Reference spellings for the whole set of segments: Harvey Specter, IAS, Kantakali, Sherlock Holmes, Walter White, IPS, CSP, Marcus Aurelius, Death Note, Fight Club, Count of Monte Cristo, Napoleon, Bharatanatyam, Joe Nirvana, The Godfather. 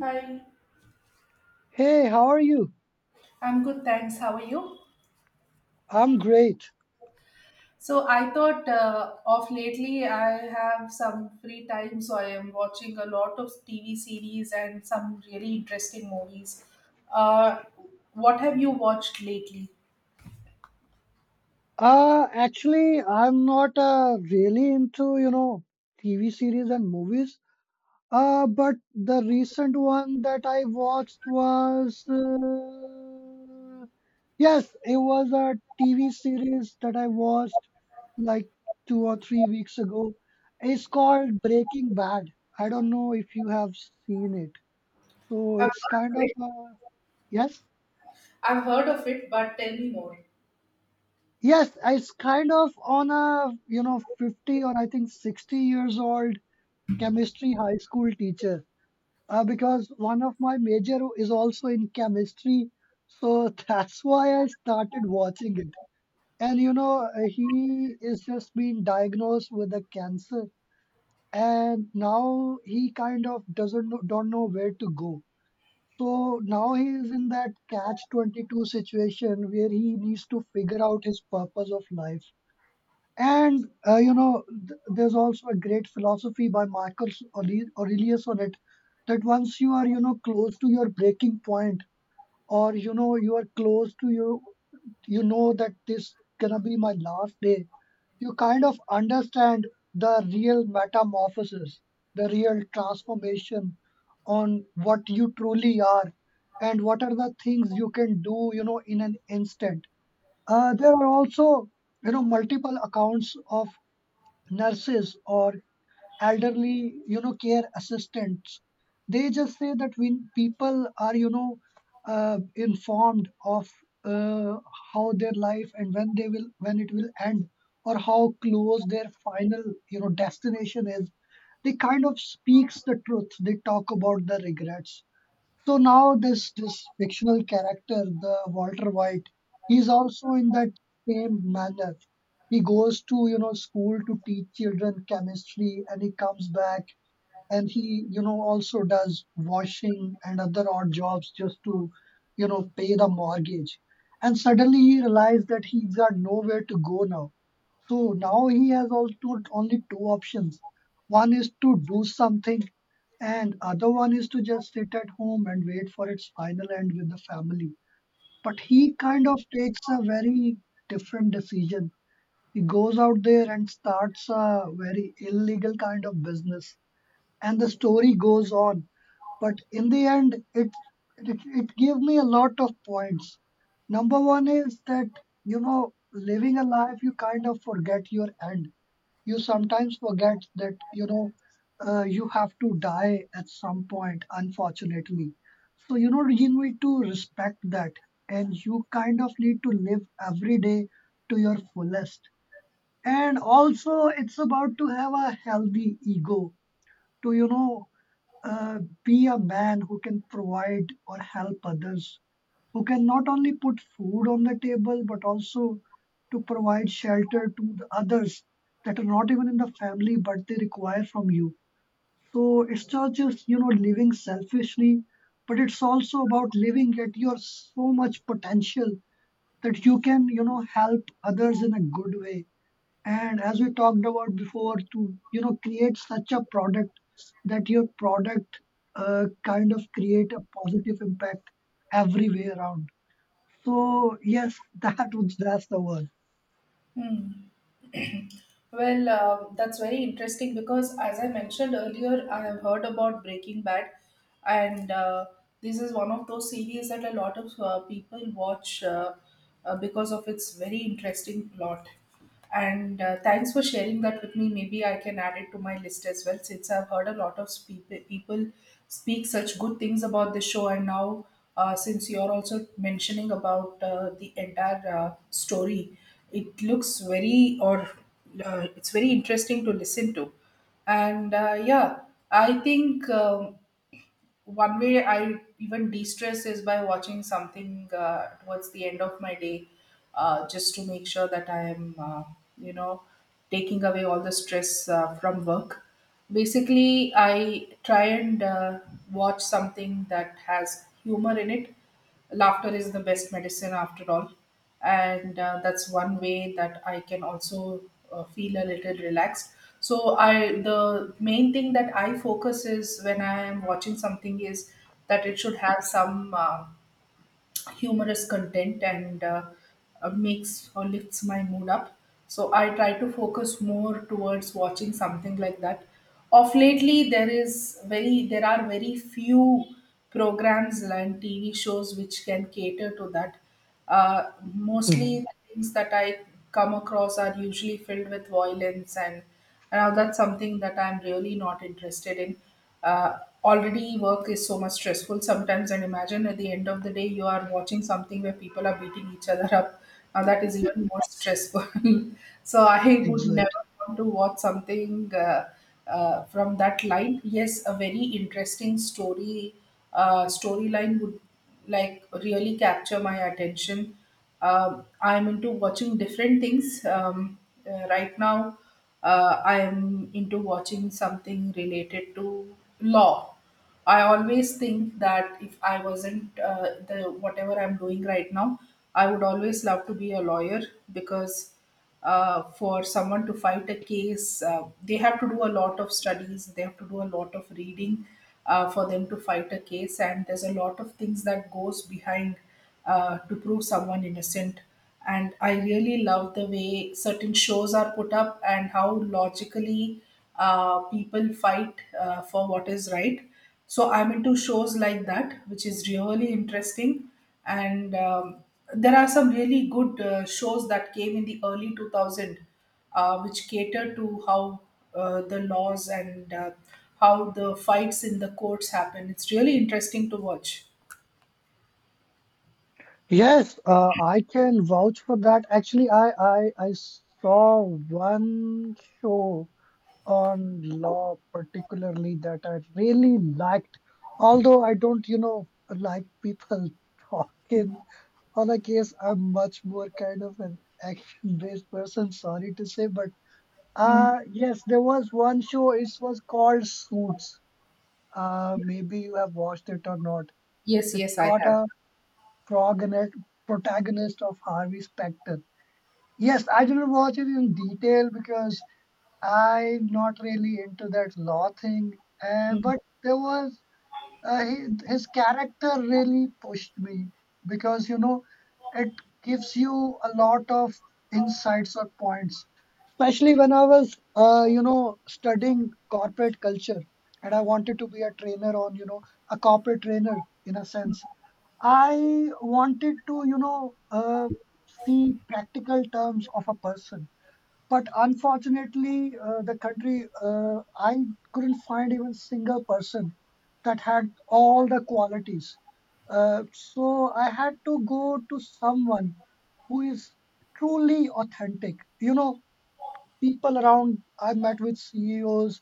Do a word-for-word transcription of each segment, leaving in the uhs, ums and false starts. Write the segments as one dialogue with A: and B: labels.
A: Hi,
B: Hey, how are you?
A: I'm good, thanks. How are you?
B: I'm great.
A: So I thought uh, of lately I have some free time, so I am watching a lot of T V series and some really interesting movies. Uh, what have you watched lately?
B: Uh, actually, I'm not uh, really into, you know, T V series and movies. Uh, but the recent one that I watched was, uh, yes, it was a T V series that I watched like two or three weeks ago. It's called Breaking Bad. I don't know if you have seen it. So
A: I've
B: it's kind
A: heard of
B: of
A: it.
B: a, yes?
A: I've heard of it, but tell me more.
B: Yes, it's kind of on a, you know, fifty or I think sixty years old chemistry high school teacher. Uh, because one of my major is also in chemistry. So that's why I started watching it. And you know, uh, he is just been diagnosed with a cancer, and now he kind of doesn't know, don't know where to go. So now he is in that catch twenty-two situation where he needs to figure out his purpose of life. And uh, you know, th- there's also a great philosophy by Marcus Aure- Aurelius on it that once you are, you know, close to your breaking point, or you know, you are close to you, you know that this gonna be my last day. You kind of understand the real metamorphosis, the real transformation on what you truly are, and what are the things you can do, you know, in an instant. Uh, there are also you know multiple accounts of nurses or elderly you know care assistants. They just say that when people are you know uh, informed of uh, how their life and when they will when it will end, or how close their final you know destination is. They kind of speaks the truth. They talk about the regrets. So now this this fictional character, the Walter White, he's also in that same manner. He goes to, you know, school to teach children chemistry, and he comes back. And he, you know, also does washing and other odd jobs just to, you know, pay the mortgage. And suddenly he realized that he's got nowhere to go now. So now he has also only two options. One is to do something, and other one is to just sit at home and wait for its final end with the family. But he kind of takes a very different decision. He goes out there and starts a very illegal kind of business, and the story goes on. But in the end, it it, it gave me a lot of points. Number one is that you know living a life, you kind of forget your end. You sometimes forget that you know uh, you have to die at some point, unfortunately. So you know you need to respect that, and you kind of need to live every day to your fullest. And also, it's about to have a healthy ego to you know uh, be a man who can provide or help others, who can not only put food on the table, but also to provide shelter to the others that are not even in the family, but they require from you. So it's not just you know living selfishly, but it's also about living at your so much potential that you can you know help others in a good way. And as we talked about before, to you know create such a product that your product uh, kind of create a positive impact every way around. So yes, that was that's the word.
A: Hmm. Well, um, that's very interesting because, as I mentioned earlier, I have heard about Breaking Bad, and uh, this is one of those series that a lot of uh, people watch uh, uh, because of its very interesting plot. And uh, thanks for sharing that with me. Maybe I can add it to my list as well, since I've heard a lot of spe- people speak such good things about the show. And now, uh, since you're also mentioning about uh, the entire uh, story, it looks very or uh, it's very interesting to listen to. And uh, yeah, I think. Um, one way I even de stress is by watching something uh, towards the end of my day, uh, just to make sure that I am, uh, you know, taking away all the stress uh, from work. Basically, I try and uh, watch something that has humor in it. Laughter is the best medicine after all, and uh, that's one way that I can also uh, feel a little relaxed. So i the main thing that I focus is when I am watching something is that it should have some uh, humorous content, and uh, uh, makes or lifts my mood up. So I try to focus more towards watching something like that. Of lately, there is very there are very few programs and T V shows which can cater to that. Uh, mostly,
B: Mhm.
A: the things that I come across are usually filled with violence, and now that's something that I'm really not interested in. Uh, already work is so much stressful sometimes, and imagine at the end of the day you are watching something where people are beating each other up. Now that is even more stressful. so I would
B: Exactly.
A: never want to watch something uh, uh, from that line. Yes, a very interesting story uh, storyline would like really capture my attention. Um, I'm into watching different things um, uh, right now. Uh, I'm into watching something related to law. I always think that if I wasn't uh, the whatever I'm doing right now, I would always love to be a lawyer, because uh, for someone to fight a case, uh, they have to do a lot of studies, they have to do a lot of reading uh, for them to fight a case, and there's a lot of things that goes behind uh, to prove someone innocent. And I really love the way certain shows are put up and how logically uh, people fight uh, for what is right. So I'm into shows like that, which is really interesting. And um, there are some really good uh, shows that came in the early two thousand, uh, which cater to how uh, the laws and uh, how the fights in the courts happen. It's really interesting to watch.
B: Yes, uh, I can vouch for that. Actually, I, I I saw one show on law particularly that I really liked, although I don't, you know, like people talking. On a case, I'm much more kind of an action-based person, sorry to say, but
A: Mm.
B: uh yes, there was one show, it was called Suits. Uh maybe you have watched it or not.
A: Yes,
B: It's
A: yes, I
B: got
A: have.
B: a progonate- protagonist of Harvey Specter. Yes, I didn't watch it in detail because I'm not really into that law thing. Uh, but there was uh, he, his character really pushed me because you know it gives you a lot of insights or points, especially when I was uh, you know studying corporate culture, and I wanted to be a trainer on, you know a corporate trainer, in a sense. I wanted to, you know uh, see practical terms of a person. But unfortunately, uh, the country, uh, I couldn't find even single person that had all the qualities. Uh, so I had to go to someone who is truly authentic. You know, people around, I've met with CEOs,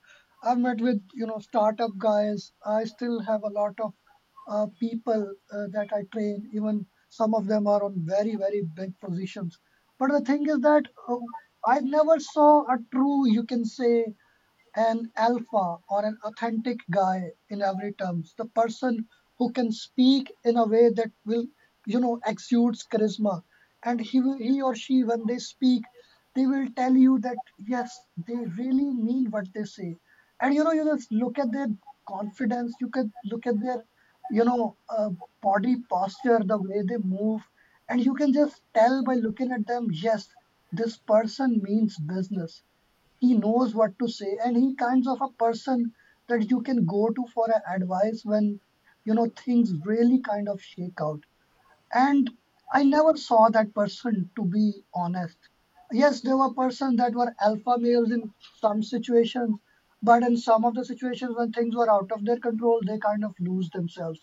B: I've met with, you know startup guys. I still have a lot of uh, people uh, that I train, even some of them are on very very big positions. But the thing is that, uh, I never saw a true, you can say, an alpha or an authentic guy in every terms, the person who can speak in a way that will, you know exudes charisma. And he will, he or she, when they speak, they will tell you that yes, they really mean what they say. And you know you just look at their confidence, you can look at their, you know uh, body posture, the way they move, and you can just tell by looking at them, yes, this person means business. He knows what to say, and he kinds of a person that you can go to for a advice when you know things really kind of shake out. And I never saw that person, to be honest. Yes, there were persons that were alpha males in some situations, but in some of the situations when things were out of their control, they kind of lose themselves.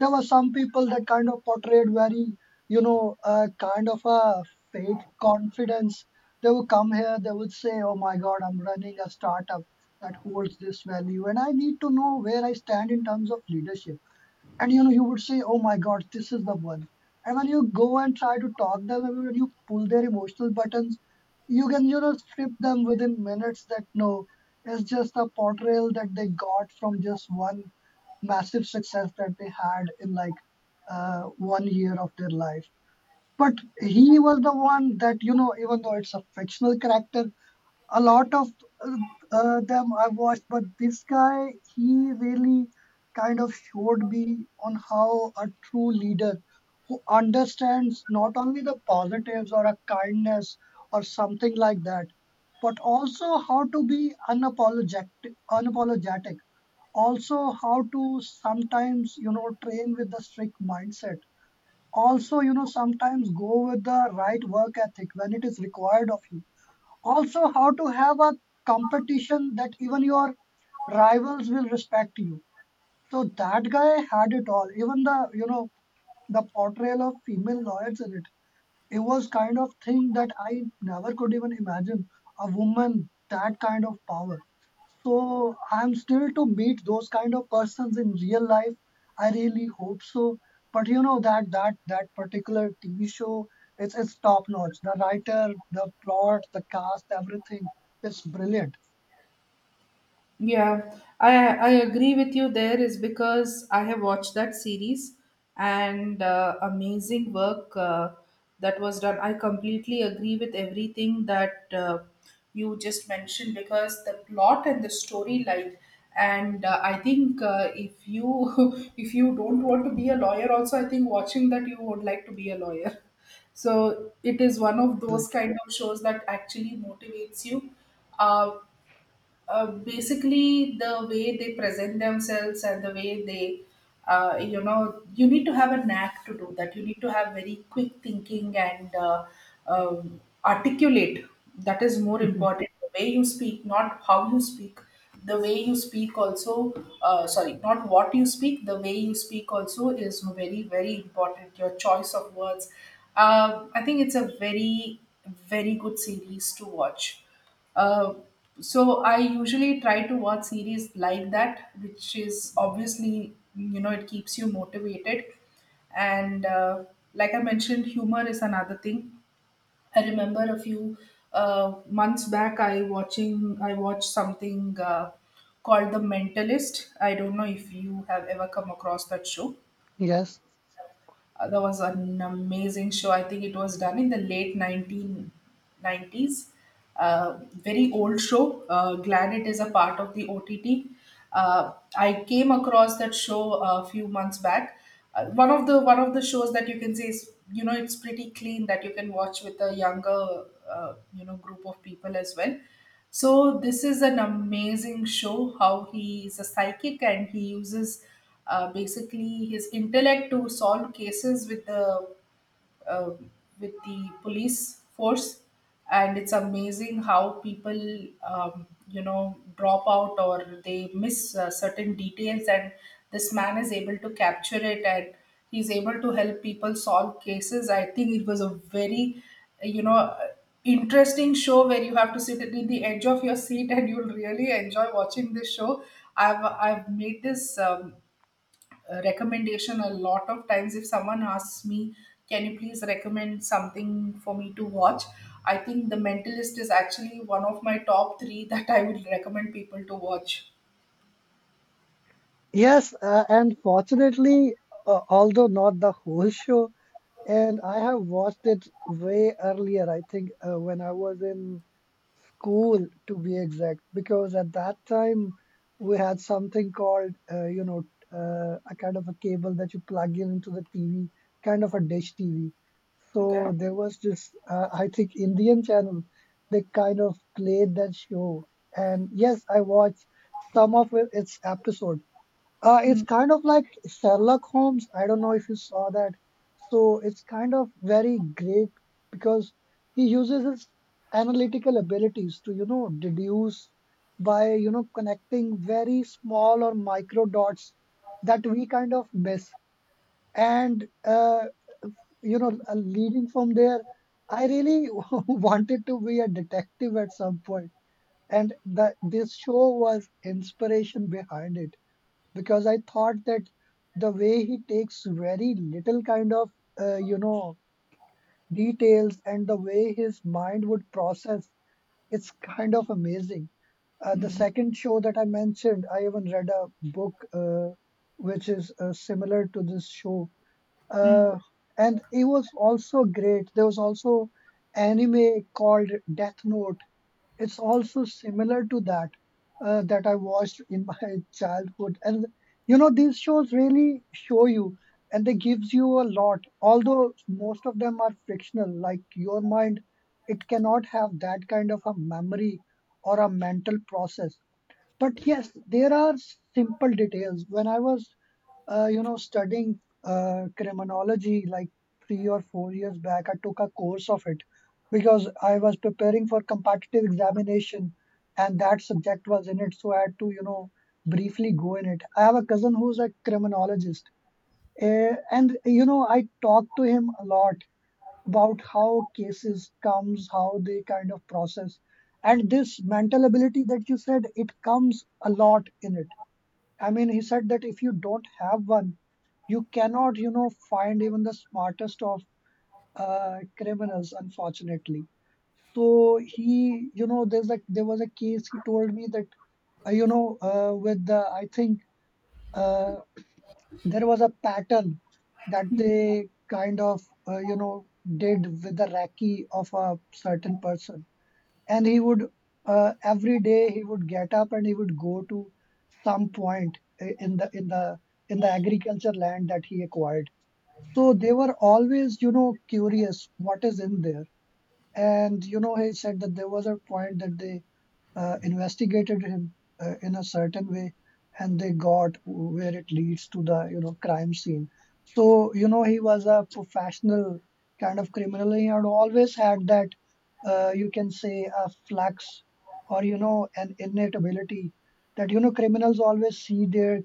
B: There were some people that kind of portrayed very, you know uh, kind of a fake confidence. They would come here, they would say, oh my god, I'm running a startup that holds this value, and I need to know where I stand in terms of leadership. And you know you would say, oh my god, this is the one. And when you go and try to talk them, and when you pull their emotional buttons, you can, you know strip them within minutes, that no, it's just a portrayal that they got from just one massive success that they had in like, uh, one year of their life. But he was the one that, you know even though it's a fictional character, a lot of uh, uh, them I've watched, but this guy, he really kind of showed me on how a true leader who understands not only the positives or a kindness or something like that, but also how to be unapologetic, unapologetic. Also, how to sometimes, you know, train with the strict mindset. Also, you know, sometimes go with the right work ethic when it is required of you. Also, how to have a competition that even your rivals will respect you. So that guy had it all, even the, you know the portrayal of female lawyers in it. It was kind of thing that I never could even imagine, a woman that kind of power. So I'm still to meet those kind of persons in real life. I really hope so. But you know that that that particular T V show, it's it's top notch. The writer, the plot, the cast, everything. It's brilliant.
A: Yeah, I I agree with you there is because I have watched that series, and uh, amazing work uh, that was done. I completely agree with everything that uh, you just mentioned, because the plot and the storyline, and uh, I think uh, if you if you don't want to be a lawyer also, I think watching that you would like to be a lawyer. So it is one of those kind of shows that actually motivates you. Uh, uh, basically the way they present themselves, and the way they uh, you know, you need to have a knack to do that, you need to have very quick thinking and uh, um, articulate, that is more
B: Mhm.
A: important, the way you speak, not how you speak, the way you speak also uh, sorry not what you speak, the way you speak also is very, very important, your choice of words. Um, i think it's a very very good series to watch. Uh, so I usually try to watch series like that, which is obviously, you know, it keeps you motivated, and uh, like I mentioned, humor is another thing. I remember a few uh, months back, I watching I watched something uh, called The Mentalist. I don't know if you have ever come across that show.
B: Yes.
A: Uh, that was an amazing show. I think it was done in the late nineteen nineties. Uh, very old show. Uh, glad it is a part of the O T T. Uh, I came across that show a few months back. Uh, one of the one of the shows that you can say is, you know, it's pretty clean, that you can watch with a younger uh, you know, group of people as well. So this is an amazing show how he is a psychic and he uses uh, basically his intellect to solve cases with the uh, with the police force. And it's amazing how people um, you know, drop out or they miss uh, certain details, and this man is able to capture it, and he's able to help people solve cases. I think it was a very, you know, interesting show where you have to sit in the edge of your seat, and you'll really enjoy watching this show. I've i've made this um, uh, recommendation a lot of times. If someone asks me, "Can you please recommend something for me to watch?" I think The Mentalist is actually one of my top three that I would recommend people to watch.
B: Yes, uh, and fortunately, uh, although not the whole show, and I have watched it way earlier, I think uh, when I was in Cool, to be exact, because at that time we had something called, uh, you know, uh, a kind of a cable that you plug in into the T V, kind of a dish T V.
A: Okay.
B: So there was this, uh, I think, Indian channel. They kind of played that show, and yes, I watched some of it, its episodes. Uh, it's kind of like Sherlock Holmes. I don't know if you saw that. So it's kind of very great because he uses his analytical abilities to, you know, deduce by, you know, connecting very small or micro dots that we kind of miss. And, uh, you know, uh, leading from there, I really wanted to be a detective at some point, point. And the, this show was inspiration behind it because I thought that the way he takes very little kind of, uh, you know details, and the way his mind would process, it's kind of amazing. Uh, the second show that I mentioned, I even read a book uh, which is uh, similar to this show,
A: Hmm.
B: uh, and it was also great. There was also anime called Death Note, it's also similar to that, uh, that I watched in my childhood, and you know these shows really show you, and they gives you a lot. Although most of them are fictional, like your mind, it cannot have that kind of a memory or a mental process. But yes, there are simple details. When I was uh, you know, studying uh, criminology, like three or four years back. I took a course of it because I was preparing for competitive examination and that subject was in it. So I had to, you know, briefly go in it. I have a cousin who's a criminologist. Uh, and, you know, I talked to him a lot about how cases comes, how they kind of process. And this mental ability that you said, it comes a lot in it. I mean, he said that if you don't have one, you cannot, you know, find even the smartest of uh, criminals, unfortunately. So he, you know, there's a there was a case he told me that, uh, you know, uh, with the, I think, uh, there was a pattern that they kind of, uh, you know did with the recce of a certain person. And he would, uh, every day he would get up and he would go to some point i- in the in the in the agriculture land that he acquired. So they were always, you know, curious what is in there. And you know, he said that there was a point that they uh, investigated him uh, in a certain way, and they got where it leads to the, you know, crime scene. So you know, he was a professional kind of criminal. He had always had that, uh, you can say, a flex or, you know, an innate ability, that, you know, criminals always see their,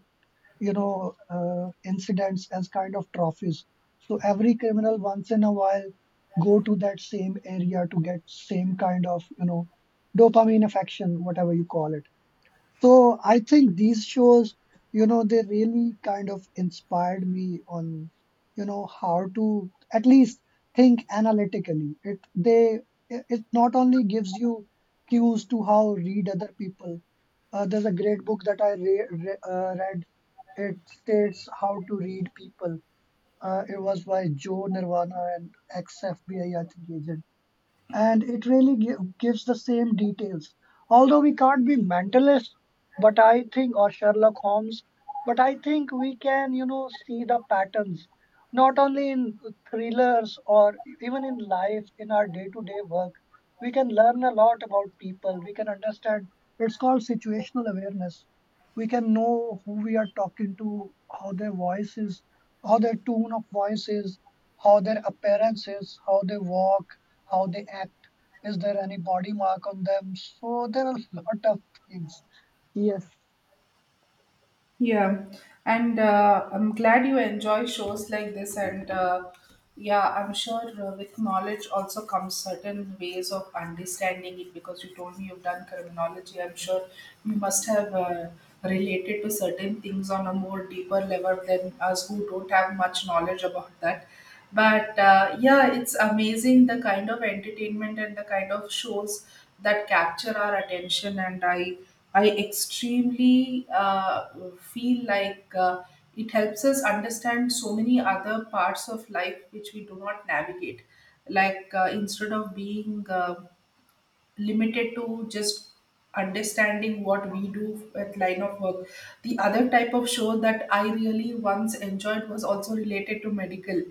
B: you know, uh, incidents as kind of trophies. So every criminal, once in a while, go to that same area to get same kind of, you know, dopamine affection, whatever you call it. So I think these shows, you know, they really kind of inspired me on, you know, how to at least think analytically. It they it it not only gives you cues to how read other people. Uh, there's a great book that I re re uh, read. It states how to read people. Uh, it was by Joe Nirvana, and ex-F B I, think, agent, and it really gi- gives the same details. Although we can't be mentalist, but I think, or Sherlock Holmes, but I think we can, you know, see the patterns, not only in thrillers or even in life, in our day to day work. We can learn a lot about people. We can understand. It's called situational awareness. We can know who we are talking to, how their voice is, how their tone of voice is, how their appearance is, how they walk, how they act, is there any body mark on them. So there are a lot of things. Yes.
A: Yeah, and uh, I'm glad you enjoy shows like this. And uh, Yeah, I'm sure uh, with knowledge also comes certain ways of understanding it, because you told me you've done criminology. I'm sure you must have uh, related to certain things on a more deeper level than us who don't have much knowledge about that. But uh, yeah, it's amazing the kind of entertainment and the kind of shows that capture our attention. And I, I extremely uh, feel like uh, it helps us understand so many other parts of life which we do not navigate. Like uh, instead of being uh, limited to just understanding what we do with line of work. The other type of show that I really once enjoyed was also related to medical.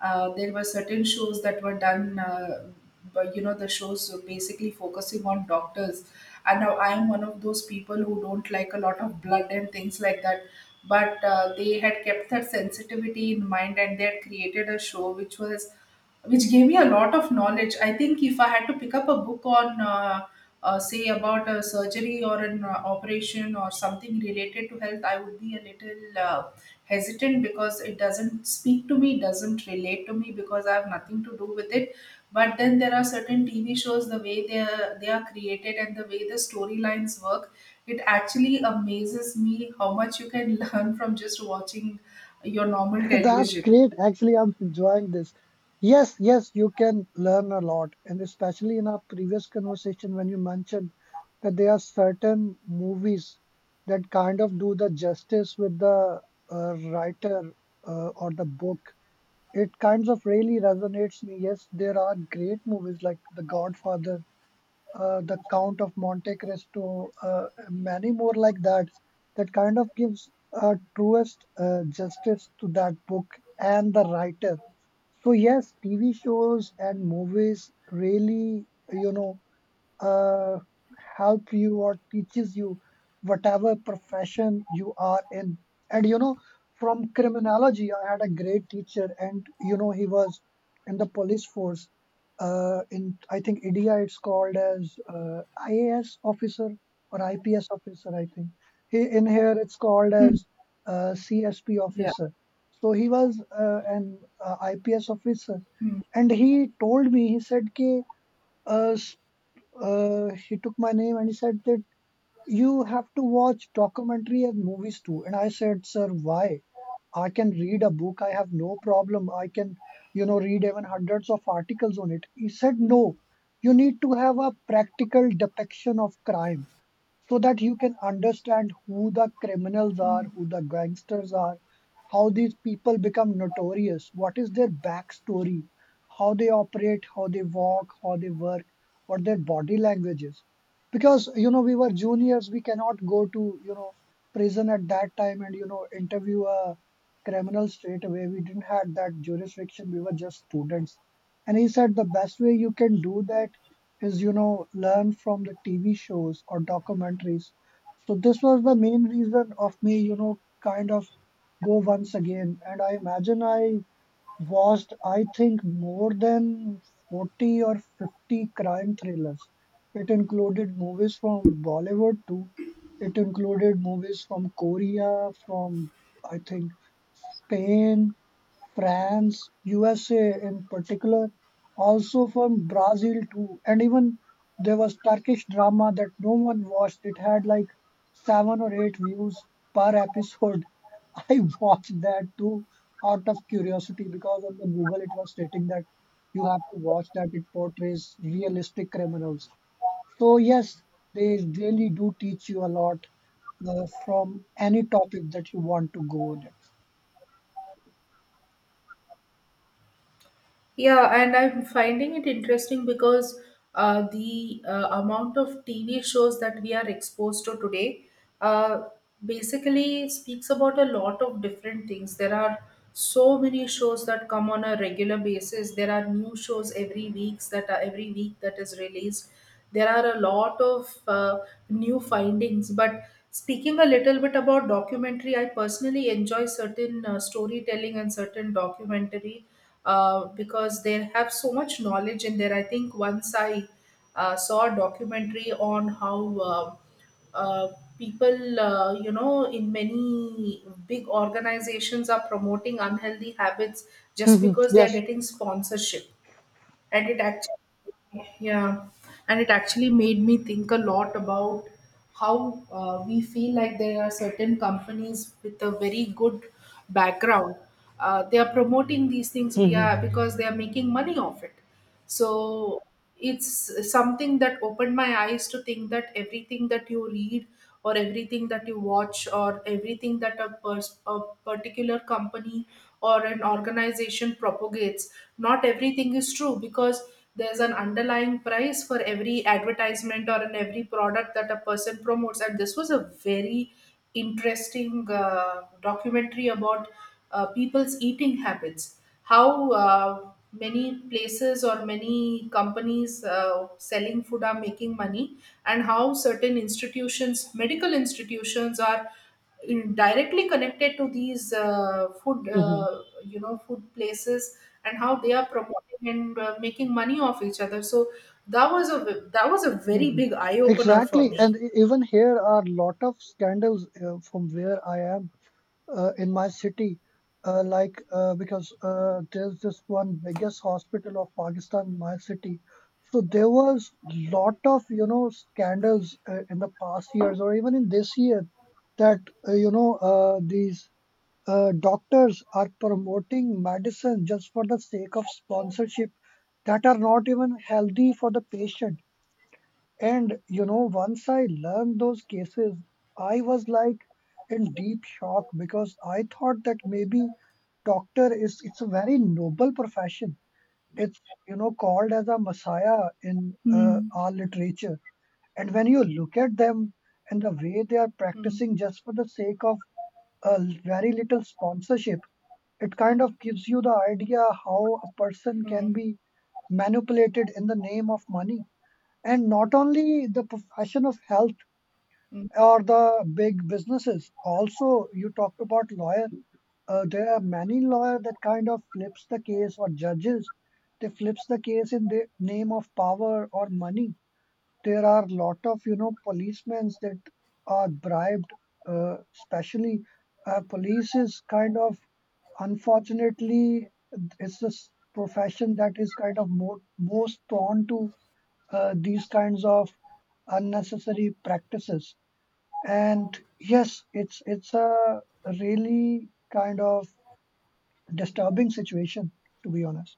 A: Uh, there were certain shows that were done, uh, but you know, the shows were basically focusing on doctors. And now I am one of those people who don't like a lot of blood and things like that. But uh, they had kept that sensitivity in mind, and they had created a show which was which gave me a lot of knowledge. I think if I had to pick up a book on, uh, uh, say, about a surgery or an uh, operation or something related to health, I would be a little uh, hesitant, because it doesn't speak to me, doesn't relate to me, because I have nothing to do with it. But then there are certain T V shows, the way they are, they are created, and the way the storylines work, it actually amazes me how much you can learn from just watching your normal
B: That's
A: television.
B: great. Actually, I'm enjoying this. Yes, yes, you can learn a lot. And especially in our previous conversation, when you mentioned that there are certain movies that kind of do the justice with the uh, writer uh, or the book, it kinds of really resonates me. Yes, there are great movies like The Godfather, uh, the Count of Monte Cristo, uh, many more like that, that kind of gives a truest uh, justice to that book and the writer. So yes, T V shows and movies really, you know, uh, help you or teaches you whatever profession you are in. And you know, from criminology, I had a great teacher, and you know, he was in the police force. Uh, in, I think, India, it's called as uh, I A S officer or I P S officer. I think he, in here, it's called
A: Hmm.
B: as uh, C S P
A: Yeah.
B: officer. So he was uh, an uh, I P S officer,
A: Hmm.
B: and he told me, he said, "K." Uh, he took my name and he said that you have to watch documentary and movies too. And I said, sir, why? I can read a book. I have no problem. I can, you know, read even hundreds of articles on it. He said, no, you need to have a practical depiction of crime so that you can understand who the criminals are, who the gangsters are, how these people become notorious, what is their backstory, how they operate, how they walk, how they work, what their body language is. Because, you know, we were juniors, we cannot go to, you know, prison at that time and, you know, interview a criminal straight away. We didn't have that jurisdiction, we were just students. And he said the best way you can do that is, you know, learn from the T V shows or documentaries. So this was the main reason of me, you know, kind of go once again. And I imagine I watched, I think, more than forty or fifty crime thrillers. It included movies from Bollywood too. It included movies from Korea, from, I think, Spain, France, U S A in particular, also from Brazil too. And even there was Turkish drama that no one watched. It had like seven or eight views per episode. I watched that too out of curiosity because on the Google it was stating that you have to watch that, it portrays realistic criminals. So yes, they really do teach you a lot, uh, from any topic that you want to go next.
A: Yeah, and I'm finding it interesting because uh, the uh, amount of T V shows that we are exposed to today uh, basically speaks about a lot of different things. There are so many shows that come on a regular basis. There are new shows every weeks that are every week that is released. There are a lot of uh, new findings. But speaking a little bit about documentary, I personally enjoy certain uh, storytelling and certain documentary, uh, because they have so much knowledge in there. I think once I uh, saw a documentary on how uh, uh, people, uh, you know, in many big organizations are promoting unhealthy habits just
B: Mhm.
A: because they are
B: Yes.
A: getting sponsorship, and it actually yeah and it actually made me think a lot about how uh, we feel like there are certain companies with a very good background, uh, they are promoting these things via
B: Mhm.
A: because they are making money off it. So it's something that opened my eyes to think that everything that you read, or everything that you watch, or everything that a, pers- a particular company or an organization propagates, not everything is true, because there's an underlying price for every advertisement or in every product that a person promotes. And this was a very interesting uh, documentary about uh, people's eating habits, how uh, many places or many companies uh, selling food are making money, and how certain institutions, medical institutions, are in- directly connected to these uh, food
B: Mhm.
A: uh, you know, food places, and how they are promoting and uh, making money off each other. So that was a that was a very
B: Mhm.
A: big eye opener for
B: Exactly.
A: me.
B: And e- even here are lot of scandals uh, from where I am, uh, in my city. Uh, like uh, because, uh, there's this one biggest hospital of Pakistan in my city. So there was lot of, you know, scandals uh, in the past years or even in this year, that uh, you know uh, these uh, doctors are promoting medicine just for the sake of sponsorship that are not even healthy for the patient. And you know, once I learned those cases, I was like in deep shock, because I thought that maybe doctor is, it's a very noble profession. It's, you know, called as a messiah in uh,
A: Hmm.
B: our literature. And when you look at them and the way they are
A: Hmm.
B: practicing just for the sake of a very little sponsorship, it kind of gives you the idea how a person can
A: Hmm.
B: be manipulated in the name of money. And not only the profession of health
A: Hmm.
B: or the big businesses, also, you talked about lawyer. Uh, there are many lawyer that kind of flips the case, or judges, they flips the case in the name of power or money. There are a lot of, you know, policemen that are bribed, uh, especially, uh, police is kind of, unfortunately, it's this profession that is kind of more, most prone to uh, these kinds of unnecessary practices. And yes, it's it's a really kind of disturbing situation, to be honest.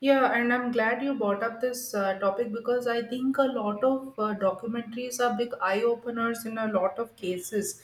A: Yeah, and I'm glad you brought up this uh, topic, because I think a lot of uh, documentaries are big eye openers in a lot of cases.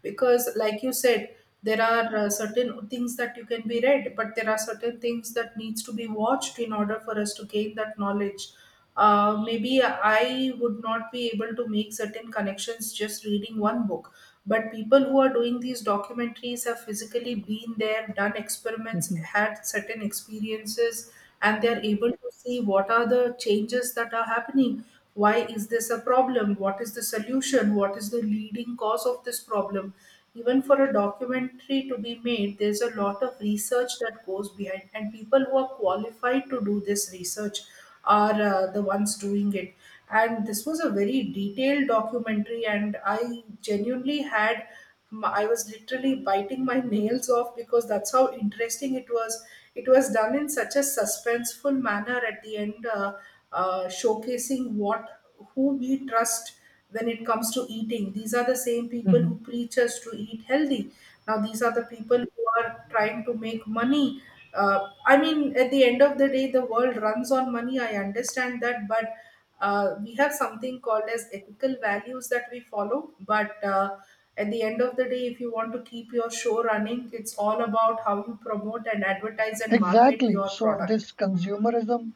A: Because like you said, there are uh, certain things that you can be read, but there are certain things that needs to be watched in order for us to gain that knowledge. Uh, maybe I would not be able to make certain connections just reading one book, but people who are doing these documentaries have physically been there, done experiments,
B: Mhm.
A: had certain experiences, and they are able to see what are the changes that are happening, why is this a problem, what is the solution, what is the leading cause of this problem. Even for a documentary to be made, there's a lot of research that goes behind, and people who are qualified to do this research are uh, the ones doing it. And this was a very detailed documentary, and I genuinely had m- I was literally biting my nails off, because that's how interesting it was. It was done in such a suspenseful manner at the end, uh, uh, showcasing what who we trust when it comes to eating. These are the same people who
B: Mhm.
A: preach us to eat healthy. Now these are the people who are trying to make money. Uh, I mean, at the end of the day, the world runs on money. I understand that, but uh, we have something called as ethical values that we follow, but uh, at the end of the day, if you want to keep your show running, it's all about how you promote and advertise and market
B: Exactly.
A: your
B: So
A: product.
B: this consumerism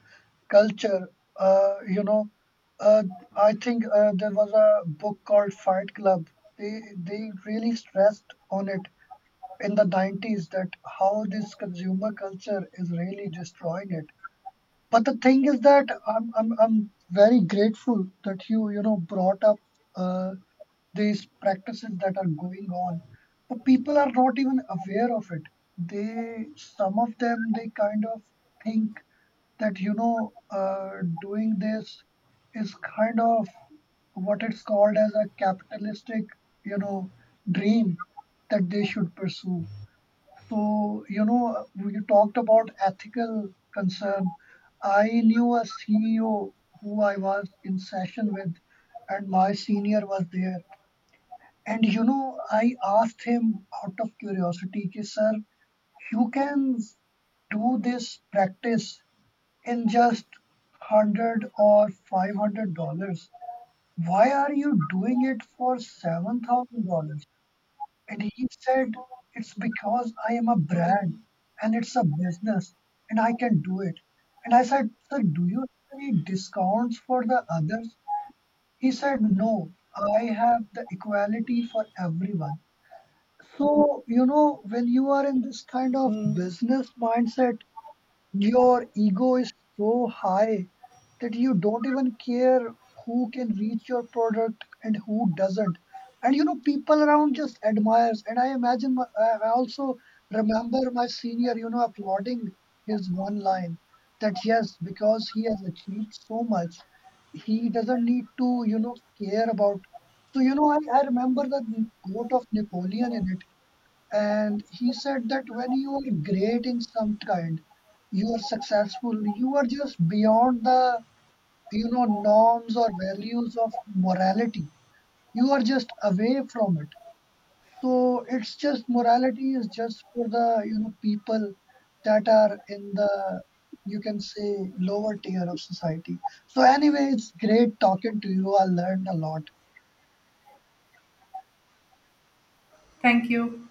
B: culture, uh, you know, uh, I think, uh, there was a book called Fight Club. They they really stressed on it in the nineties, that how this consumer culture is really destroying it. But the thing is that I'm I'm I'm very grateful that you you know, brought up, uh, these practices that are going on, but people are not even aware of it. They, some of them, they kind of think that, you know, uh, doing this is kind of what it's called as a capitalistic, you know, dream that they should pursue. So you know, you talked about ethical concern. I knew a C E O who I was in session with, and my senior was there. And you know, I asked him out of curiosity, ki, sir, you can do this practice in just one hundred or five hundred dollars. Why are you doing it for seven thousand dollars? And he said, it's because I am a brand,
A: Mm,
B: and it's a business, and I can do it. And I said, sir, do you have any discounts for the others? He said, no, I have the equality for everyone. So, you know, when you are in this kind of
A: mm.
B: business mindset, your ego is so high that you don't even care who can reach your product and who doesn't. And you know, people around just admires. And I imagine, my, I I also remember my senior, you know, applauding his one line, that yes, because he has achieved so much, he doesn't need to, you know, care about. So, you know, I, I remember that quote of Napoleon in it, and he said that when you are great in some kind, you are successful, you are just beyond the, you know, norms or values of morality. You are just away from it. So it's just, morality is just for the, you know, people that are in the, you can say, lower tier of society. So anyway, it's great talking to you. I learned a lot.
A: Thank you.